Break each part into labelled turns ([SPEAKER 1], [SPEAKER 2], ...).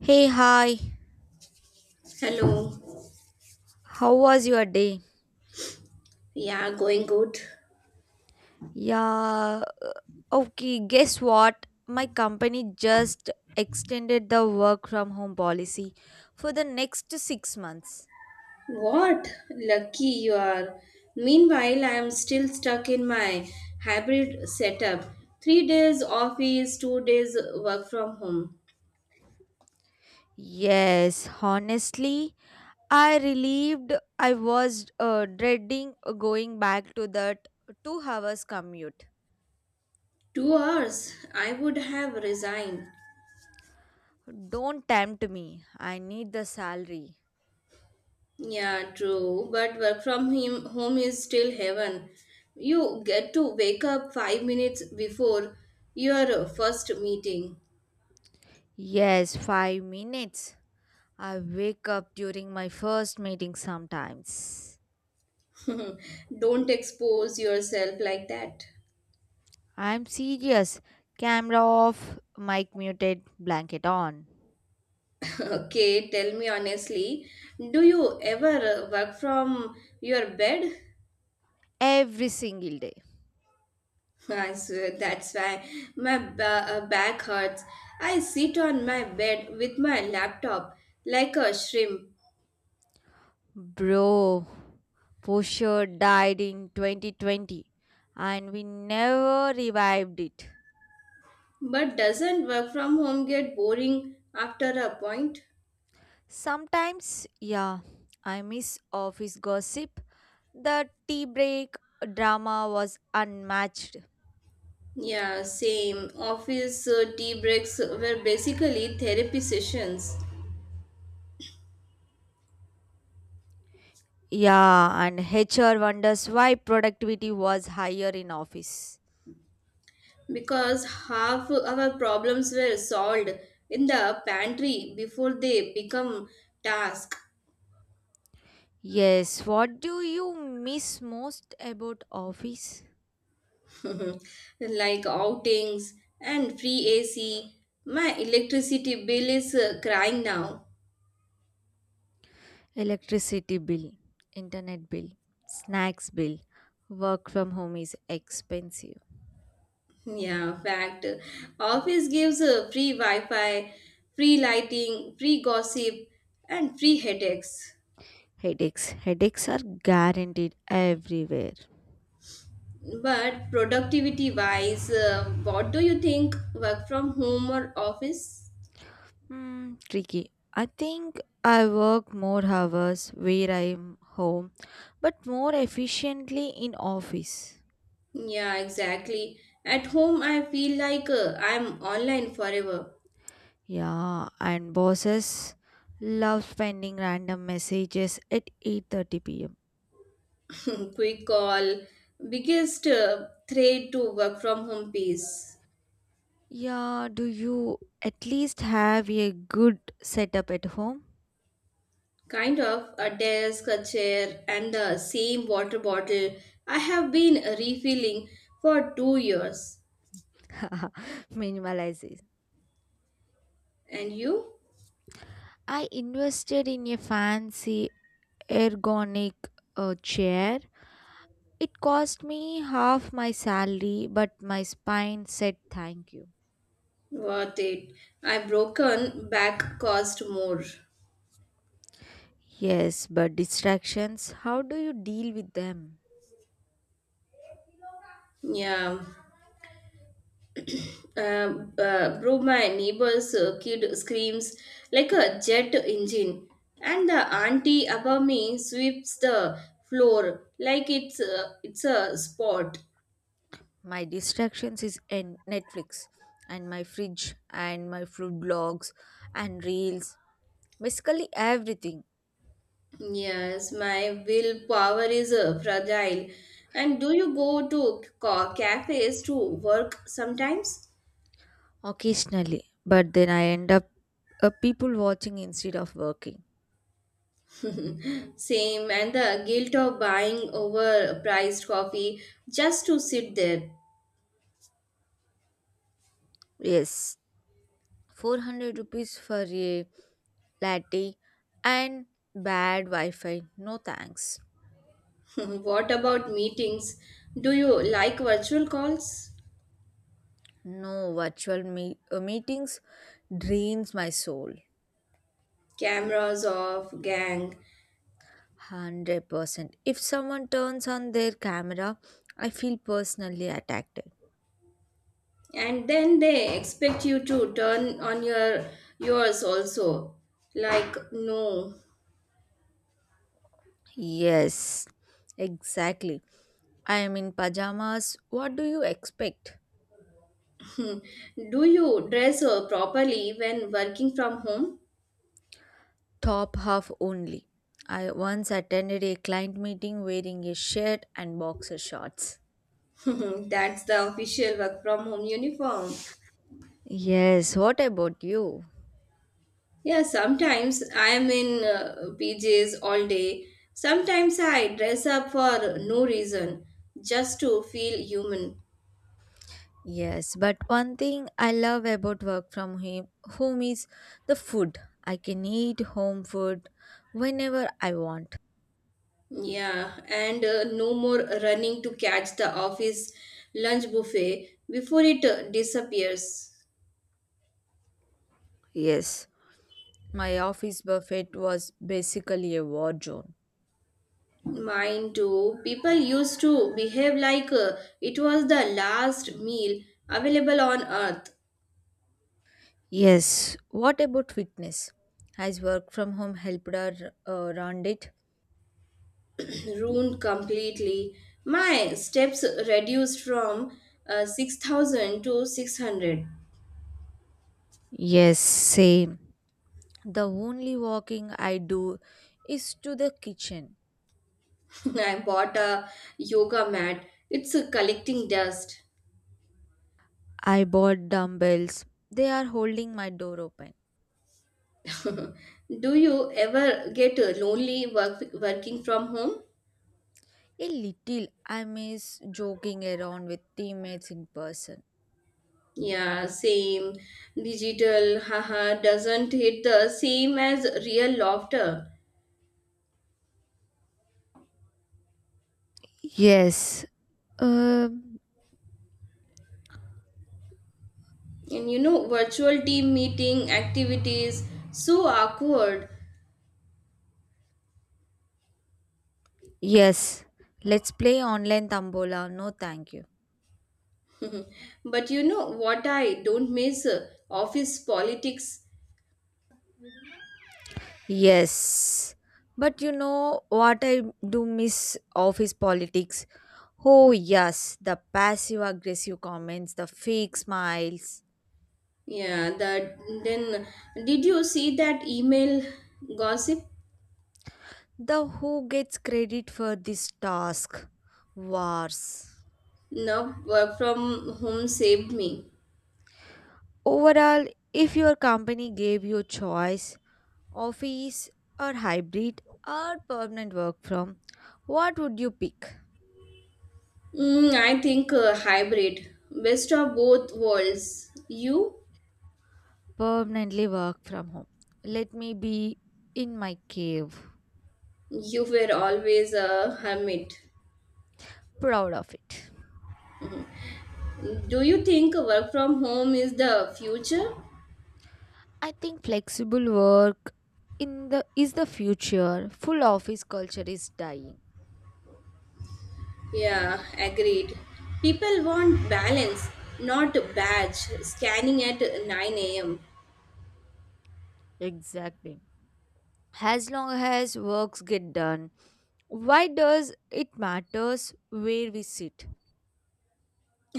[SPEAKER 1] Hey, hi.
[SPEAKER 2] Hello.
[SPEAKER 1] How was your day?
[SPEAKER 2] Yeah, going good.
[SPEAKER 1] Yeah, okay. Guess what? My company just extended the work from home policy for the next six months.
[SPEAKER 2] What? Lucky you are. Meanwhile, I am still stuck in my hybrid setup. 3 days office, 2 days work from home.
[SPEAKER 1] Yes, honestly, I relieved. I was dreading going back to that two hours commute.
[SPEAKER 2] 2 hours. I would have resigned.
[SPEAKER 1] Don't tempt me. I need the salary.
[SPEAKER 2] Yeah, true. But work from home is still heaven. You get to wake up 5 minutes before your first meeting.
[SPEAKER 1] Yes, five minutes. I wake up during my first meeting sometimes.
[SPEAKER 2] Don't expose yourself like that.
[SPEAKER 1] I'm serious. Camera off, mic muted, blanket on.
[SPEAKER 2] Okay, tell me honestly, do you ever work from your bed?
[SPEAKER 1] Every single day.
[SPEAKER 2] I swear that's why my back hurts. I sit on my bed with my laptop like a shrimp.
[SPEAKER 1] Bro, Pusher died in 2020 and we never revived it.
[SPEAKER 2] But doesn't work from home get boring after a point?
[SPEAKER 1] Sometimes, yeah, I miss office gossip. The tea break drama was unmatched.
[SPEAKER 2] Yeah, same. Office tea breaks were basically therapy sessions.
[SPEAKER 1] Yeah, and HR wonders why productivity was higher in office.
[SPEAKER 2] Because half our problems were solved in the pantry before they become tasks.
[SPEAKER 1] Yes, what do you miss most about office?
[SPEAKER 2] Like outings and free AC. My electricity bill is crying now.
[SPEAKER 1] Electricity bill, internet bill, snacks bill. Work from home is expensive.
[SPEAKER 2] Yeah, fact. Office gives free Wi Fi, free lighting, free gossip, and free headaches.
[SPEAKER 1] Headaches. Headaches are guaranteed everywhere.
[SPEAKER 2] But productivity wise, what do you think? Work from home or office?
[SPEAKER 1] Hmm, tricky. I think I work more hours where I'm home, but more efficiently in office.
[SPEAKER 2] Yeah, exactly. At home, I feel like I'm online forever.
[SPEAKER 1] Yeah, and bosses love sending random messages at 8:30 p.m.
[SPEAKER 2] Quick call, biggest threat to work from home piece.
[SPEAKER 1] Yeah, do you at least have a good setup at home?
[SPEAKER 2] Kind of a desk, a chair, and the same water bottle I have been refilling for 2 years.
[SPEAKER 1] Minimalizes.
[SPEAKER 2] And you?
[SPEAKER 1] I invested in a fancy ergonomic chair. It cost me half my salary, but my spine said thank you.
[SPEAKER 2] Worth it. I broken back cost more.
[SPEAKER 1] Yes, but distractions, how do you deal with them?
[SPEAKER 2] Yeah. Bro, my neighbor's kid screams like a jet engine, and the auntie above me sweeps the floor like it's a spot.
[SPEAKER 1] My distractions is in Netflix and my fridge and my food blogs and reels, basically everything.
[SPEAKER 2] Yes, my willpower is fragile. And do you go to cafes to work sometimes?
[SPEAKER 1] Occasionally, but then I end up a people watching instead of working.
[SPEAKER 2] Same, and the guilt of buying overpriced coffee just to sit there.
[SPEAKER 1] Yes, 400 rupees for a latte and bad Wi Fi. No thanks.
[SPEAKER 2] What about meetings? Do you like virtual calls?
[SPEAKER 1] No meetings drains my soul.
[SPEAKER 2] Cameras off, gang.
[SPEAKER 1] 100%. If someone turns on their camera, I feel personally attacked.
[SPEAKER 2] And then they expect you to turn on your yours also. Like, no.
[SPEAKER 1] Yes, exactly. I am in pajamas. What do you expect?
[SPEAKER 2] Do you dress properly when working from home?
[SPEAKER 1] Top half only. I once attended a client meeting wearing a shirt and boxer shorts.
[SPEAKER 2] That's the official work from home uniform.
[SPEAKER 1] Yes, what about you?
[SPEAKER 2] Yeah, sometimes I am in PJs all day. Sometimes I dress up for no reason, just to feel human.
[SPEAKER 1] Yes, but one thing I love about home is the food. I can eat home food whenever I want.
[SPEAKER 2] Yeah, and no more running to catch the office lunch buffet before it disappears.
[SPEAKER 1] Yes. My office buffet was basically a war zone.
[SPEAKER 2] Mine too. People used to behave like it was the last meal available on earth.
[SPEAKER 1] Yes. What about fitness? Has work from home helped her around it?
[SPEAKER 2] Ruined completely. My steps reduced from 6,000 to 600.
[SPEAKER 1] Yes, same. The only walking I do is to the kitchen.
[SPEAKER 2] I bought a yoga mat. It's collecting dust.
[SPEAKER 1] I bought dumbbells. They are holding my door open.
[SPEAKER 2] Do you ever get lonely working from home?
[SPEAKER 1] A little, I miss joking around with teammates in person.
[SPEAKER 2] Yeah, same. Digital, haha, doesn't hit the same as real laughter.
[SPEAKER 1] Yes. Um
[SPEAKER 2] And you know, virtual team meeting activities, so awkward.
[SPEAKER 1] yes. Let's play online tambola. No, thank you.
[SPEAKER 2] But you know what I don't miss? Office politics.
[SPEAKER 1] Yes. But you know what I do miss? Office politics? Oh, yes, the passive aggressive comments, the fake smiles.
[SPEAKER 2] Yeah, that then did you see that email gossip?
[SPEAKER 1] The who gets credit for this task? Wars.
[SPEAKER 2] No, work from home saved me.
[SPEAKER 1] Overall, if your company gave you choice, office or hybrid or permanent work from, what would you pick?
[SPEAKER 2] I think hybrid, best of both worlds. You?
[SPEAKER 1] Permanently work from home. Let me be in my cave.
[SPEAKER 2] You were always a hermit.
[SPEAKER 1] Proud of it.
[SPEAKER 2] Do you think work from home is the future?
[SPEAKER 1] I think flexible work in the is the future. Full office culture is dying.
[SPEAKER 2] Yeah, agreed. People want balance, not badge scanning at 9 a.m.
[SPEAKER 1] Exactly. As long as works get done, why does it matters where we sit?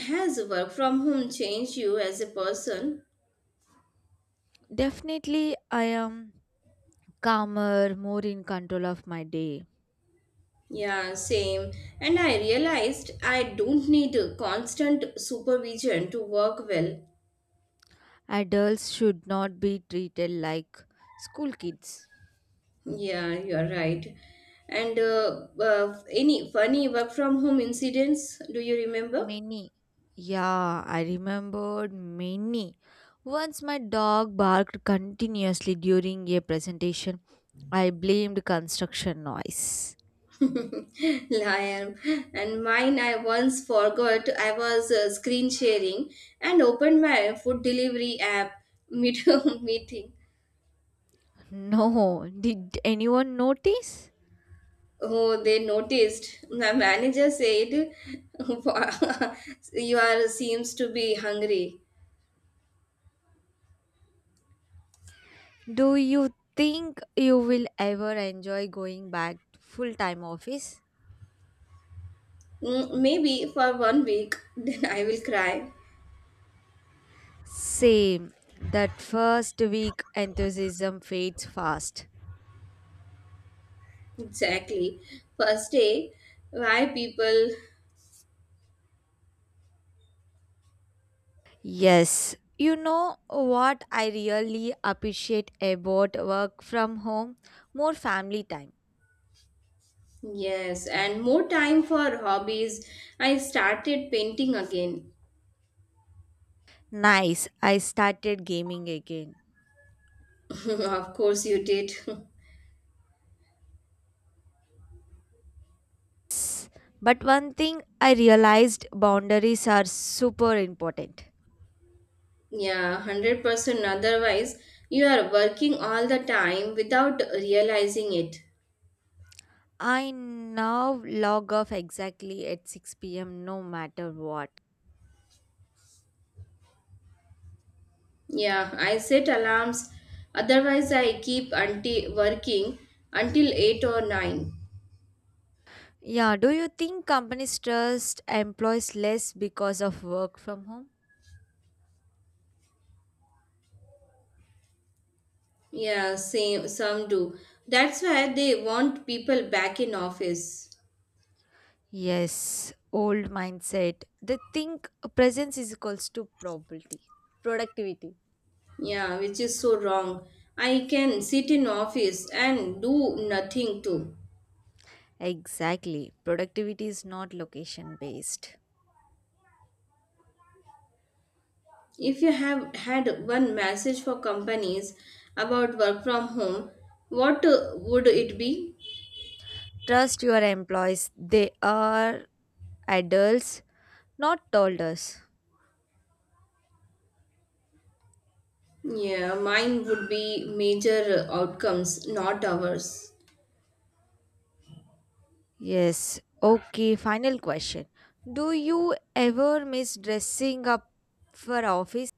[SPEAKER 2] Has work from home changed you as a person?
[SPEAKER 1] Definitely, I am calmer, more in control of my day.
[SPEAKER 2] Yeah, same. And I realized I don't need constant supervision to work well.
[SPEAKER 1] Adults should not be treated like school kids.
[SPEAKER 2] Yeah, you are right. And any funny work from home incidents do you remember?
[SPEAKER 1] Many, yeah, I remembered many. Once my dog barked continuously during a presentation. I blamed construction noise.
[SPEAKER 2] Liar. And mine, I once forgot I was screen sharing and opened my food delivery app mid meeting.
[SPEAKER 1] No, did anyone notice?
[SPEAKER 2] Oh, they noticed. My manager said, "You are seems to be hungry.
[SPEAKER 1] Do you think you will ever enjoy going back to full-time office?
[SPEAKER 2] Maybe for one week, then I will cry."
[SPEAKER 1] Same. That first week enthusiasm fades fast.
[SPEAKER 2] Exactly. First day, why people.
[SPEAKER 1] Yes. You know what I really appreciate about work from home? More family time.
[SPEAKER 2] Yes, and more time for hobbies. I started painting again.
[SPEAKER 1] Nice. I started gaming again.
[SPEAKER 2] Of course, you did.
[SPEAKER 1] Yes. But one thing I realized, boundaries are super important.
[SPEAKER 2] Yeah, 100%. Otherwise, you are working all the time without realizing it.
[SPEAKER 1] I now log off exactly at 6 p.m. no matter what.
[SPEAKER 2] Yeah, I set alarms. Otherwise, I keep until working until 8 or 9.
[SPEAKER 1] Yeah, do you think companies trust employees less because of work from home?
[SPEAKER 2] Yeah, same, some do. That's why they want people back in office.
[SPEAKER 1] Yes, old mindset. They think presence is equals to probability. Productivity.
[SPEAKER 2] Yeah, which is so wrong. I can sit in office and do nothing too.
[SPEAKER 1] Exactly. Productivity is not location based.
[SPEAKER 2] If you have had one message for companies about work from home, what would it be?
[SPEAKER 1] Trust your employees. They are adults, not toddlers.
[SPEAKER 2] Yeah, mine would be major outcomes, not hours.
[SPEAKER 1] Yes. Okay, final question. Do you ever miss dressing up for office?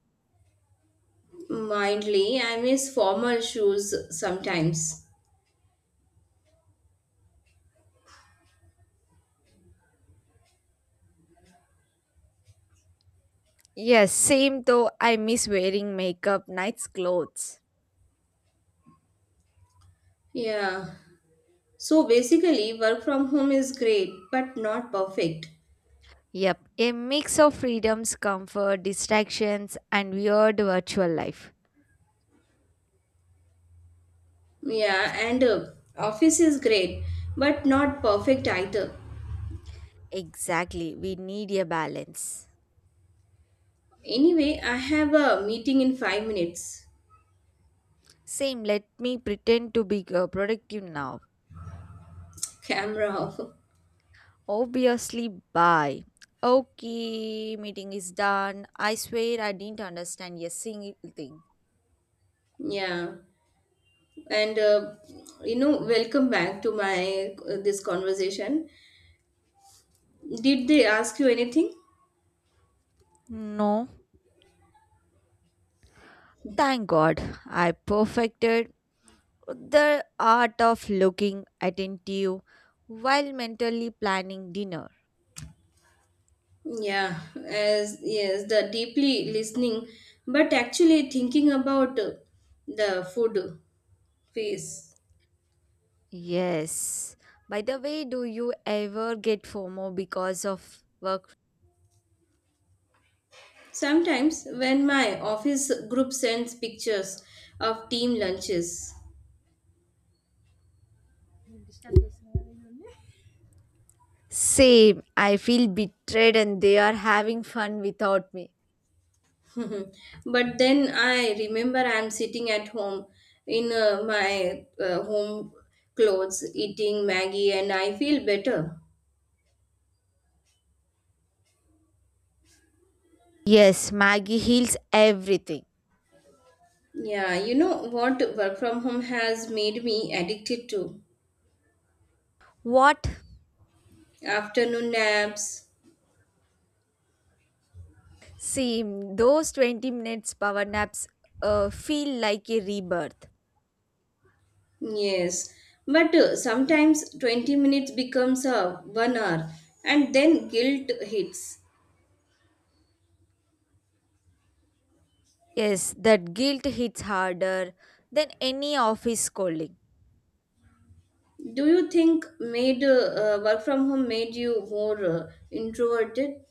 [SPEAKER 2] Mindly, I miss formal shoes sometimes.
[SPEAKER 1] Yes, same, though I miss wearing makeup, nice clothes.
[SPEAKER 2] Yeah. So basically, work from home is great, but not perfect.
[SPEAKER 1] Yep, a mix of freedoms, comfort, distractions, and weird virtual life.
[SPEAKER 2] Yeah, and office is great, but not perfect either.
[SPEAKER 1] Exactly, we need a balance.
[SPEAKER 2] Anyway, I have a meeting in 5 minutes.
[SPEAKER 1] Same, let me pretend to be productive now.
[SPEAKER 2] Camera off.
[SPEAKER 1] Obviously, bye. Okay, meeting is done. I swear I didn't understand a single thing.
[SPEAKER 2] Yeah, and you know, welcome back to my this conversation. Did they ask you anything?
[SPEAKER 1] No, thank God. I perfected the art of looking attentive while mentally planning dinner.
[SPEAKER 2] Yeah, as yes, the deeply listening, but actually thinking about the food phase.
[SPEAKER 1] Yes. By the way, do you ever get FOMO because of work?
[SPEAKER 2] Sometimes when my office group sends pictures of team lunches.
[SPEAKER 1] Same. I feel betrayed and they are having fun without me.
[SPEAKER 2] Mhm. But then I remember I'm sitting at home in my home clothes, eating Maggie, and I feel better.
[SPEAKER 1] Yes, Maggie heals everything.
[SPEAKER 2] Yeah, you know what work from home has made me addicted to?
[SPEAKER 1] What?
[SPEAKER 2] Afternoon naps.
[SPEAKER 1] Same. Those 20 minutes power naps feel like a rebirth.
[SPEAKER 2] Yes. But sometimes 20 minutes becomes a 1 hour and then guilt hits.
[SPEAKER 1] Yes, that guilt hits harder than any office calling.
[SPEAKER 2] Do you think made work from home made you more introverted?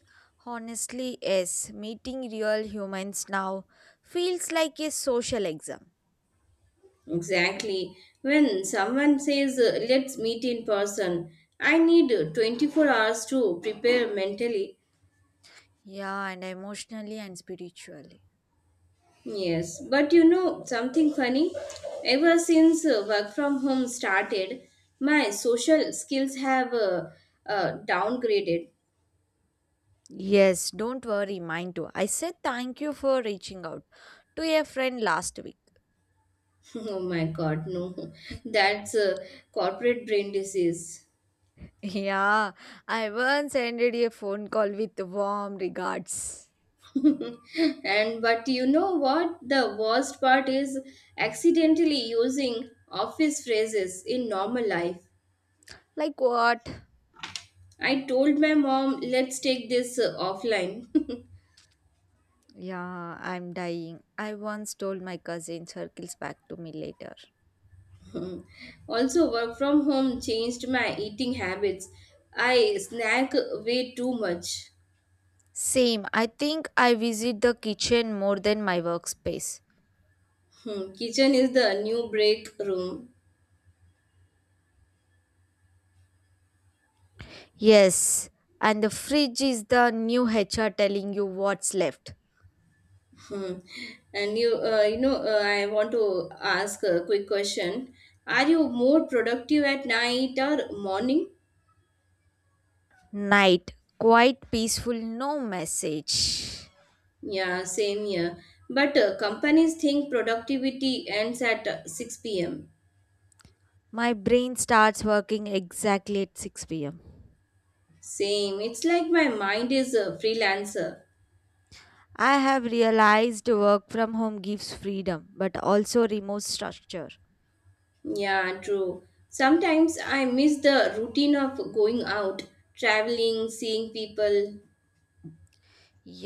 [SPEAKER 1] Honestly, yes, meeting real humans now feels like a social exam.
[SPEAKER 2] Exactly. When someone says, let's meet in person, I need 24 hours to prepare mentally.
[SPEAKER 1] Yeah, and emotionally and spiritually.
[SPEAKER 2] Yes, but you know something funny? Ever since work from home started, my social skills have downgraded.
[SPEAKER 1] Yes, don't worry, mine too. I said thank you for reaching out to a friend last week.
[SPEAKER 2] Oh my god, no. That's corporate brain disease.
[SPEAKER 1] Yeah, I once ended a phone call with warm regards.
[SPEAKER 2] And but you know what the worst part is? Accidentally using office phrases in normal life.
[SPEAKER 1] Like what?
[SPEAKER 2] I told my mom, let's take this offline.
[SPEAKER 1] Yeah, I'm dying. I once told my cousin circles back to me later.
[SPEAKER 2] Also, work from home changed my eating habits. I snack way too much.
[SPEAKER 1] Same. I think I visit the kitchen more than my workspace.
[SPEAKER 2] Kitchen is the new break room.
[SPEAKER 1] Yes, and the fridge is the new HR telling you what's left.
[SPEAKER 2] Hmm. And I want to ask a quick question. Are you more productive at night or morning?
[SPEAKER 1] Night, quite peaceful, no message.
[SPEAKER 2] Yeah, same here. But companies think productivity ends at 6 p.m.
[SPEAKER 1] My brain starts working exactly at 6 pm.
[SPEAKER 2] Same. It's like my mind is a freelancer.
[SPEAKER 1] I have realized work from home gives freedom but also removes structure.
[SPEAKER 2] Yeah, true. Sometimes I miss the routine of going out, traveling, seeing people.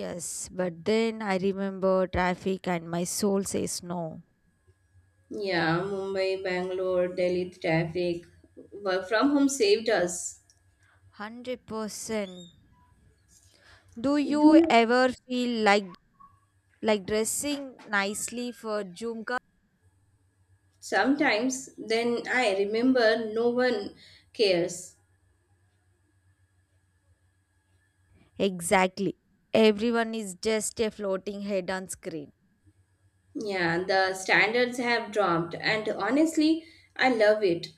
[SPEAKER 1] Yes, but then I remember traffic and my soul says no.
[SPEAKER 2] Yeah, Mumbai, Bangalore, Delhi traffic. Work from home saved us.
[SPEAKER 1] 100%. Do
[SPEAKER 2] Do
[SPEAKER 1] you
[SPEAKER 2] you?
[SPEAKER 1] ever feel like dressing nicely for Jumka?
[SPEAKER 2] Sometimes then I remember no one cares.
[SPEAKER 1] Exactly. Everyone is just a floating head on screen.
[SPEAKER 2] Yeah, the standards have dropped, and honestly, I love it.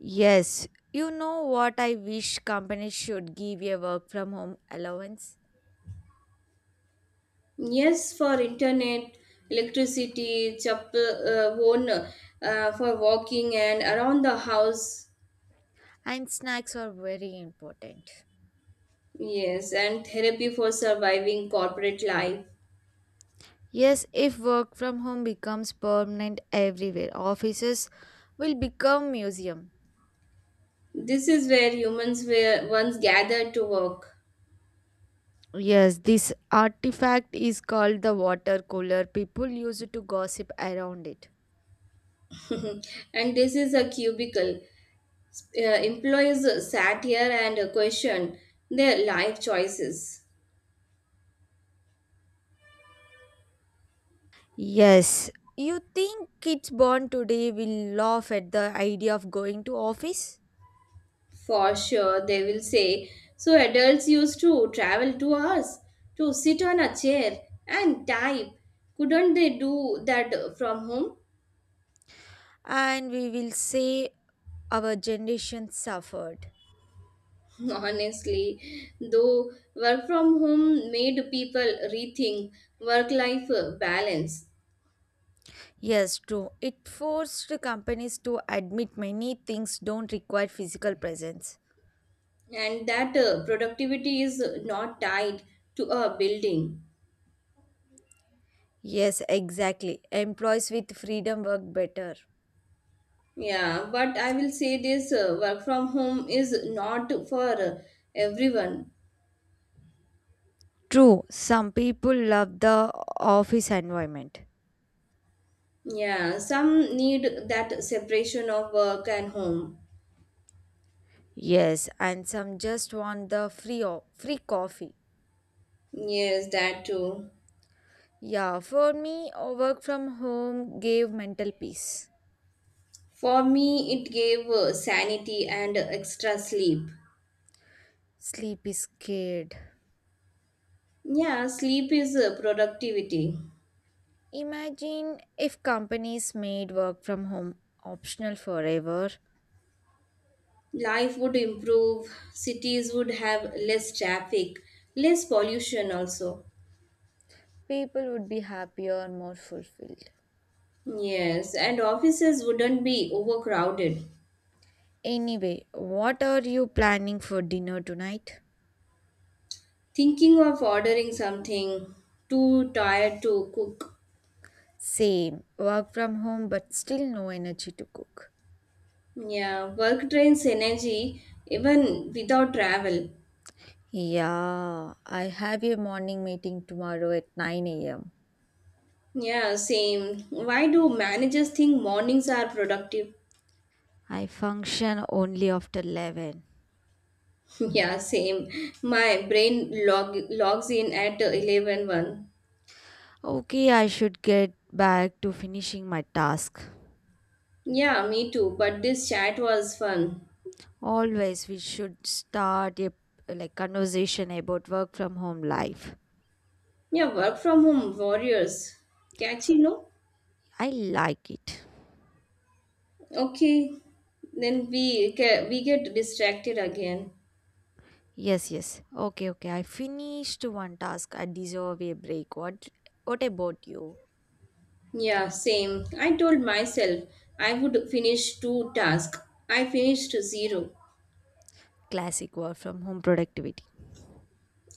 [SPEAKER 1] Yes, you know what? I wish companies should give a work from home allowance,
[SPEAKER 2] Yes, for internet, electricity, chapel, one, for walking and around the house.
[SPEAKER 1] and snacks are very important.
[SPEAKER 2] Yes, and therapy for surviving corporate life.
[SPEAKER 1] Yes, if work from home becomes permanent everywhere, offices will become museum.
[SPEAKER 2] This is where humans were once gathered to work.
[SPEAKER 1] Yes, this artifact is called the water cooler. People used to gossip around it.
[SPEAKER 2] And this is a cubicle. Employees sat here and questioned their life choices.
[SPEAKER 1] Yes. You think kids born today will laugh at the idea of going to office?
[SPEAKER 2] For sure, they will say. So adults used to travel 2 hours to sit on a chair and type. Couldn't they do that from home?
[SPEAKER 1] And we will say our generation suffered.
[SPEAKER 2] Honestly, though, work from home made people rethink work life balance.
[SPEAKER 1] Yes, true. It forced companies to admit many things don't require physical presence.
[SPEAKER 2] And that productivity is not tied to a building.
[SPEAKER 1] Yes, exactly. Employees with freedom work better.
[SPEAKER 2] Yeah, but I will say this: work from home is not for everyone.
[SPEAKER 1] True, some people love the office environment.
[SPEAKER 2] Yeah, some need that separation of work and home.
[SPEAKER 1] Yes, and some just want the free coffee.
[SPEAKER 2] Yes, that too.
[SPEAKER 1] Yeah, for me, work from home gave mental peace.
[SPEAKER 2] For me, it gave sanity and extra sleep.
[SPEAKER 1] Sleep is scared.
[SPEAKER 2] Yeah, sleep is productivity.
[SPEAKER 1] Imagine if companies made work from home optional forever,
[SPEAKER 2] Life would improve, cities would have less traffic, less pollution also.
[SPEAKER 1] people would be happier and more fulfilled.
[SPEAKER 2] Yes, and offices wouldn't be overcrowded.
[SPEAKER 1] Anyway, what are you planning for dinner tonight?
[SPEAKER 2] Thinking of ordering something, too tired to cook.
[SPEAKER 1] Same, work from home, but still no energy to cook.
[SPEAKER 2] Yeah, work drains energy even without travel.
[SPEAKER 1] Yeah, I have a morning meeting tomorrow at 9 am.
[SPEAKER 2] Yeah, same. Why do managers think mornings are productive?
[SPEAKER 1] I function only after 11.
[SPEAKER 2] Yeah, same. My brain logs in at eleven one.
[SPEAKER 1] Okay, I should get back to finishing my task.
[SPEAKER 2] Yeah, me too. But this chat was fun.
[SPEAKER 1] Always, we should start a like conversation about work from home life.
[SPEAKER 2] Yeah, work from home warriors. Catchy, no?
[SPEAKER 1] I like it.
[SPEAKER 2] Okay. Then we get distracted again.
[SPEAKER 1] Yes, yes. Okay, okay. I finished one task. I deserve a break. What? What about you?
[SPEAKER 2] Yeah, same. I told myself I would finish two tasks. I finished zero.
[SPEAKER 1] Classic work from home productivity.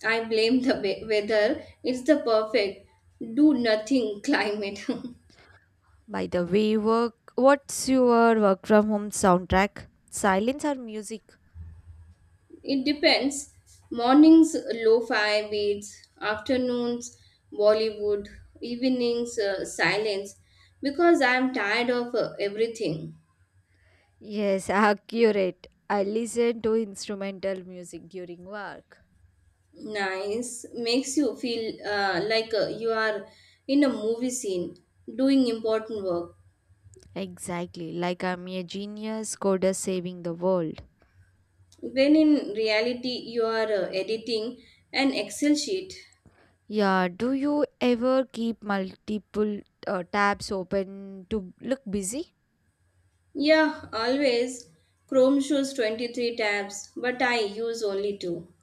[SPEAKER 2] I blame the weather. It's the perfect do nothing climate.
[SPEAKER 1] By the way, work. What's your work from home soundtrack? Silence or music?
[SPEAKER 2] It depends. Mornings, lo fi beats, afternoons, Bollywood, evenings, silence. Because I'm tired of everything.
[SPEAKER 1] Yes, accurate. I listen to instrumental music during work.
[SPEAKER 2] Nice. Makes you feel like you are in a movie scene doing important work.
[SPEAKER 1] Exactly, like I'm a genius coder saving the world.
[SPEAKER 2] When in reality, you are editing an Excel sheet.
[SPEAKER 1] Yeah, do you ever keep multiple tabs open to look busy?
[SPEAKER 2] Yeah, always. Chrome shows 23 tabs, but I use only two.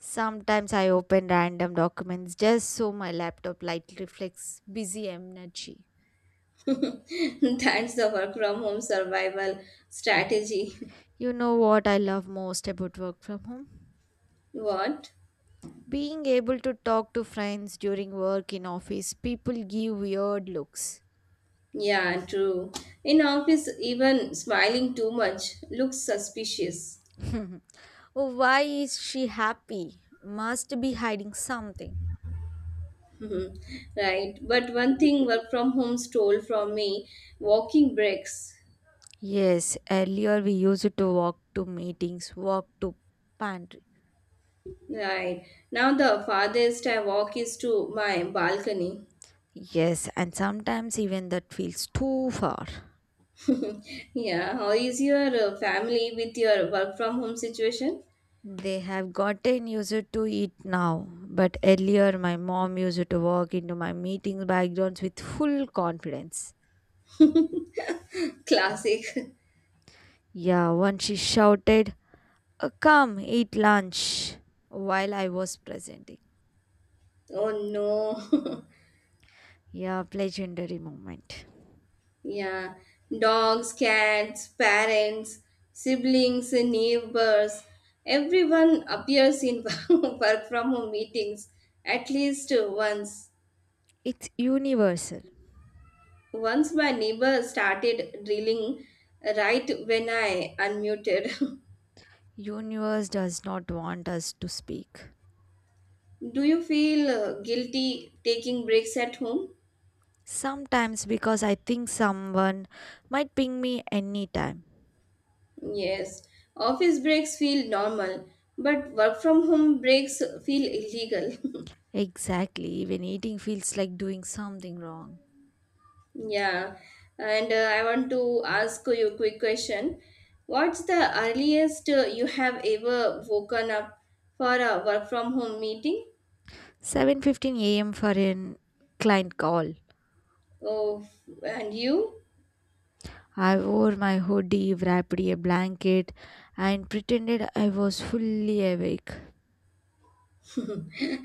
[SPEAKER 1] Sometimes I open random documents just so my laptop light reflects busy energy.
[SPEAKER 2] That's the work from home survival strategy.
[SPEAKER 1] You know what I love most about work from home?
[SPEAKER 2] What?
[SPEAKER 1] Being able to talk to friends during work. In office, people give weird looks.
[SPEAKER 2] Yeah, true. In office, even smiling too much looks suspicious.
[SPEAKER 1] Why is she happy? Must be hiding something.
[SPEAKER 2] Mhm. Right. But one thing work from home stole from me walking breaks.
[SPEAKER 1] Yes, earlier we used to walk to meetings, walk to pantry.
[SPEAKER 2] Right. Now, the farthest I walk is to my balcony.
[SPEAKER 1] Yes, and sometimes even that feels too far.
[SPEAKER 2] Yeah, how is your family with your work from home situation?
[SPEAKER 1] They have gotten used to it now, but earlier my mom used to walk into my meeting backgrounds with full confidence.
[SPEAKER 2] Classic.
[SPEAKER 1] Yeah, once she shouted, " Come, eat lunch," while I was presenting.
[SPEAKER 2] Oh no.
[SPEAKER 1] Yeah, legendary moment.
[SPEAKER 2] Yeah. Dogs, cats, parents, siblings, neighbors, everyone appears in work from home meetings at least once.
[SPEAKER 1] It's universal.
[SPEAKER 2] Once my neighbor started drilling right when I unmuted.
[SPEAKER 1] Universe does not want us to speak.
[SPEAKER 2] Do you feel guilty taking breaks at home?
[SPEAKER 1] Sometimes because I think someone might ping me anytime.
[SPEAKER 2] Yes, office breaks feel normal, but work from home breaks feel illegal.
[SPEAKER 1] Exactly, even eating feels like doing something wrong.
[SPEAKER 2] Yeah, and I want to ask you a quick question. What's the earliest you have ever woken up for a work from home meeting?
[SPEAKER 1] 7:15 a.m. for an client call.
[SPEAKER 2] Oh, and you?
[SPEAKER 1] I wore my hoodie, wrapped a blanket, and pretended I was fully awake.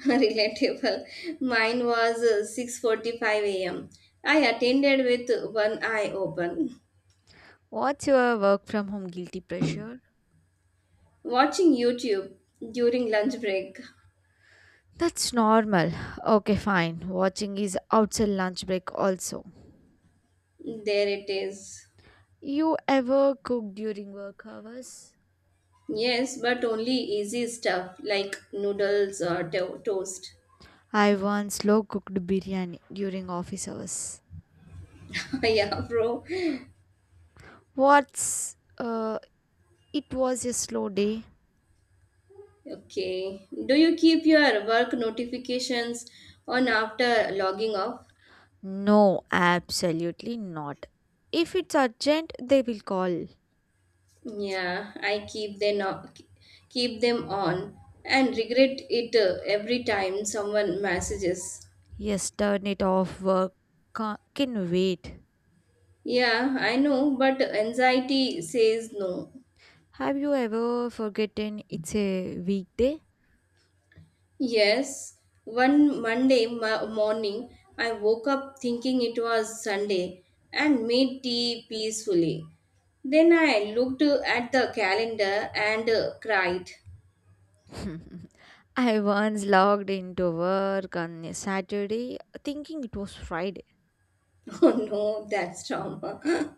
[SPEAKER 2] Relatable. Mine was 6:45 a.m. I attended with one eye open,
[SPEAKER 1] What's your work from home guilty pressure?
[SPEAKER 2] watching YouTube during lunch break.
[SPEAKER 1] That's normal. Okay, fine. Watching is outside lunch break also.
[SPEAKER 2] There it is.
[SPEAKER 1] You ever cook during work hours?
[SPEAKER 2] Yes, but only easy stuff like noodles or toast.
[SPEAKER 1] I once slow cooked biryani during office hours.
[SPEAKER 2] Yeah, bro.
[SPEAKER 1] What's It was a slow day?
[SPEAKER 2] Okay. Do you keep your work notifications on after logging off?
[SPEAKER 1] No, absolutely not. If it's urgent, they will call.
[SPEAKER 2] Yeah, I keep them on and regret it every time someone messages.
[SPEAKER 1] Yes, turn it off. Can wait.
[SPEAKER 2] Yeah, I know, but anxiety says no.
[SPEAKER 1] Have you ever forgotten it's a weekday?
[SPEAKER 2] Yes, one Monday morning I woke up thinking it was Sunday and made tea peacefully. Then I looked at the calendar and cried.
[SPEAKER 1] I once logged into work on a Saturday thinking it was Friday.
[SPEAKER 2] Oh no, that's trauma.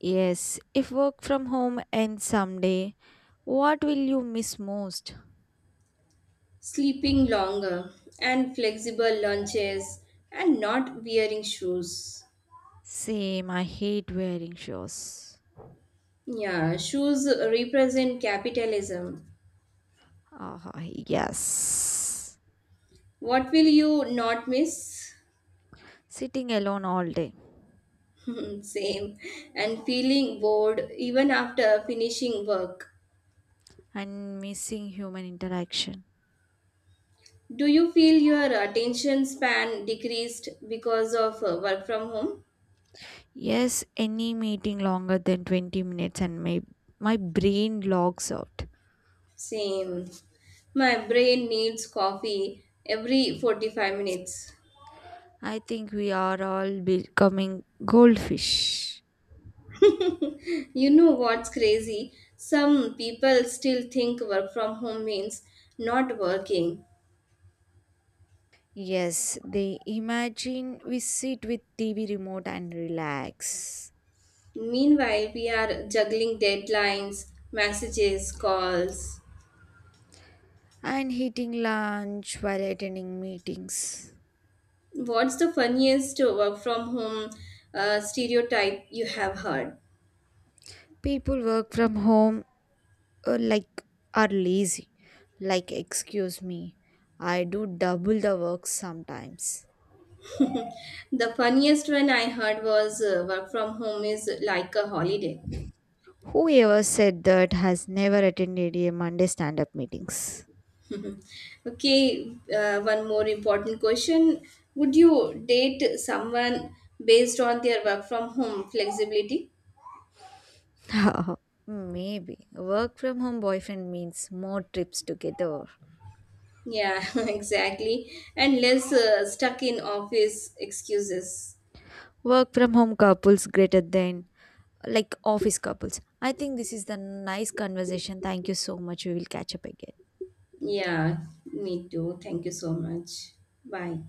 [SPEAKER 1] Yes, if work from home ends someday, what will you miss most?
[SPEAKER 2] Sleeping longer and flexible lunches and not wearing shoes.
[SPEAKER 1] Same, I hate wearing shoes.
[SPEAKER 2] Yeah, shoes represent capitalism.
[SPEAKER 1] Ah, yes.
[SPEAKER 2] What will you not miss?
[SPEAKER 1] Sitting alone all day
[SPEAKER 2] Same. And feeling bored even after finishing work.
[SPEAKER 1] and missing human interaction.
[SPEAKER 2] Do you feel your attention span decreased because of work from home?
[SPEAKER 1] Yes, any meeting longer than 20 minutes and my brain logs out.
[SPEAKER 2] Same. My brain needs coffee every 45 minutes.
[SPEAKER 1] I think we are all becoming goldfish.
[SPEAKER 2] You know what's crazy? Some people still think work from home means not working.
[SPEAKER 1] Yes, they imagine we sit with TV remote and relax.
[SPEAKER 2] Meanwhile, we are juggling deadlines, messages, calls.
[SPEAKER 1] And eating lunch while attending meetings.
[SPEAKER 2] What's the funniest work from home stereotype you have heard?
[SPEAKER 1] People work from home like are lazy. Like excuse me, I do double the work sometimes.
[SPEAKER 2] The funniest one I heard was work from home is like a holiday.
[SPEAKER 1] Whoever said that has never attended a Monday stand-up meetings.
[SPEAKER 2] Okay, one more important question. Would you date someone based on their work from home flexibility?
[SPEAKER 1] Maybe. Work from home boyfriend means more trips together.
[SPEAKER 2] Yeah, exactly. And less stuck in office excuses.
[SPEAKER 1] Work from home couples greater than like office couples. I think this is the nice conversation. Thank you so much. We will catch up again.
[SPEAKER 2] Yeah, me too. Thank you so much. Bye.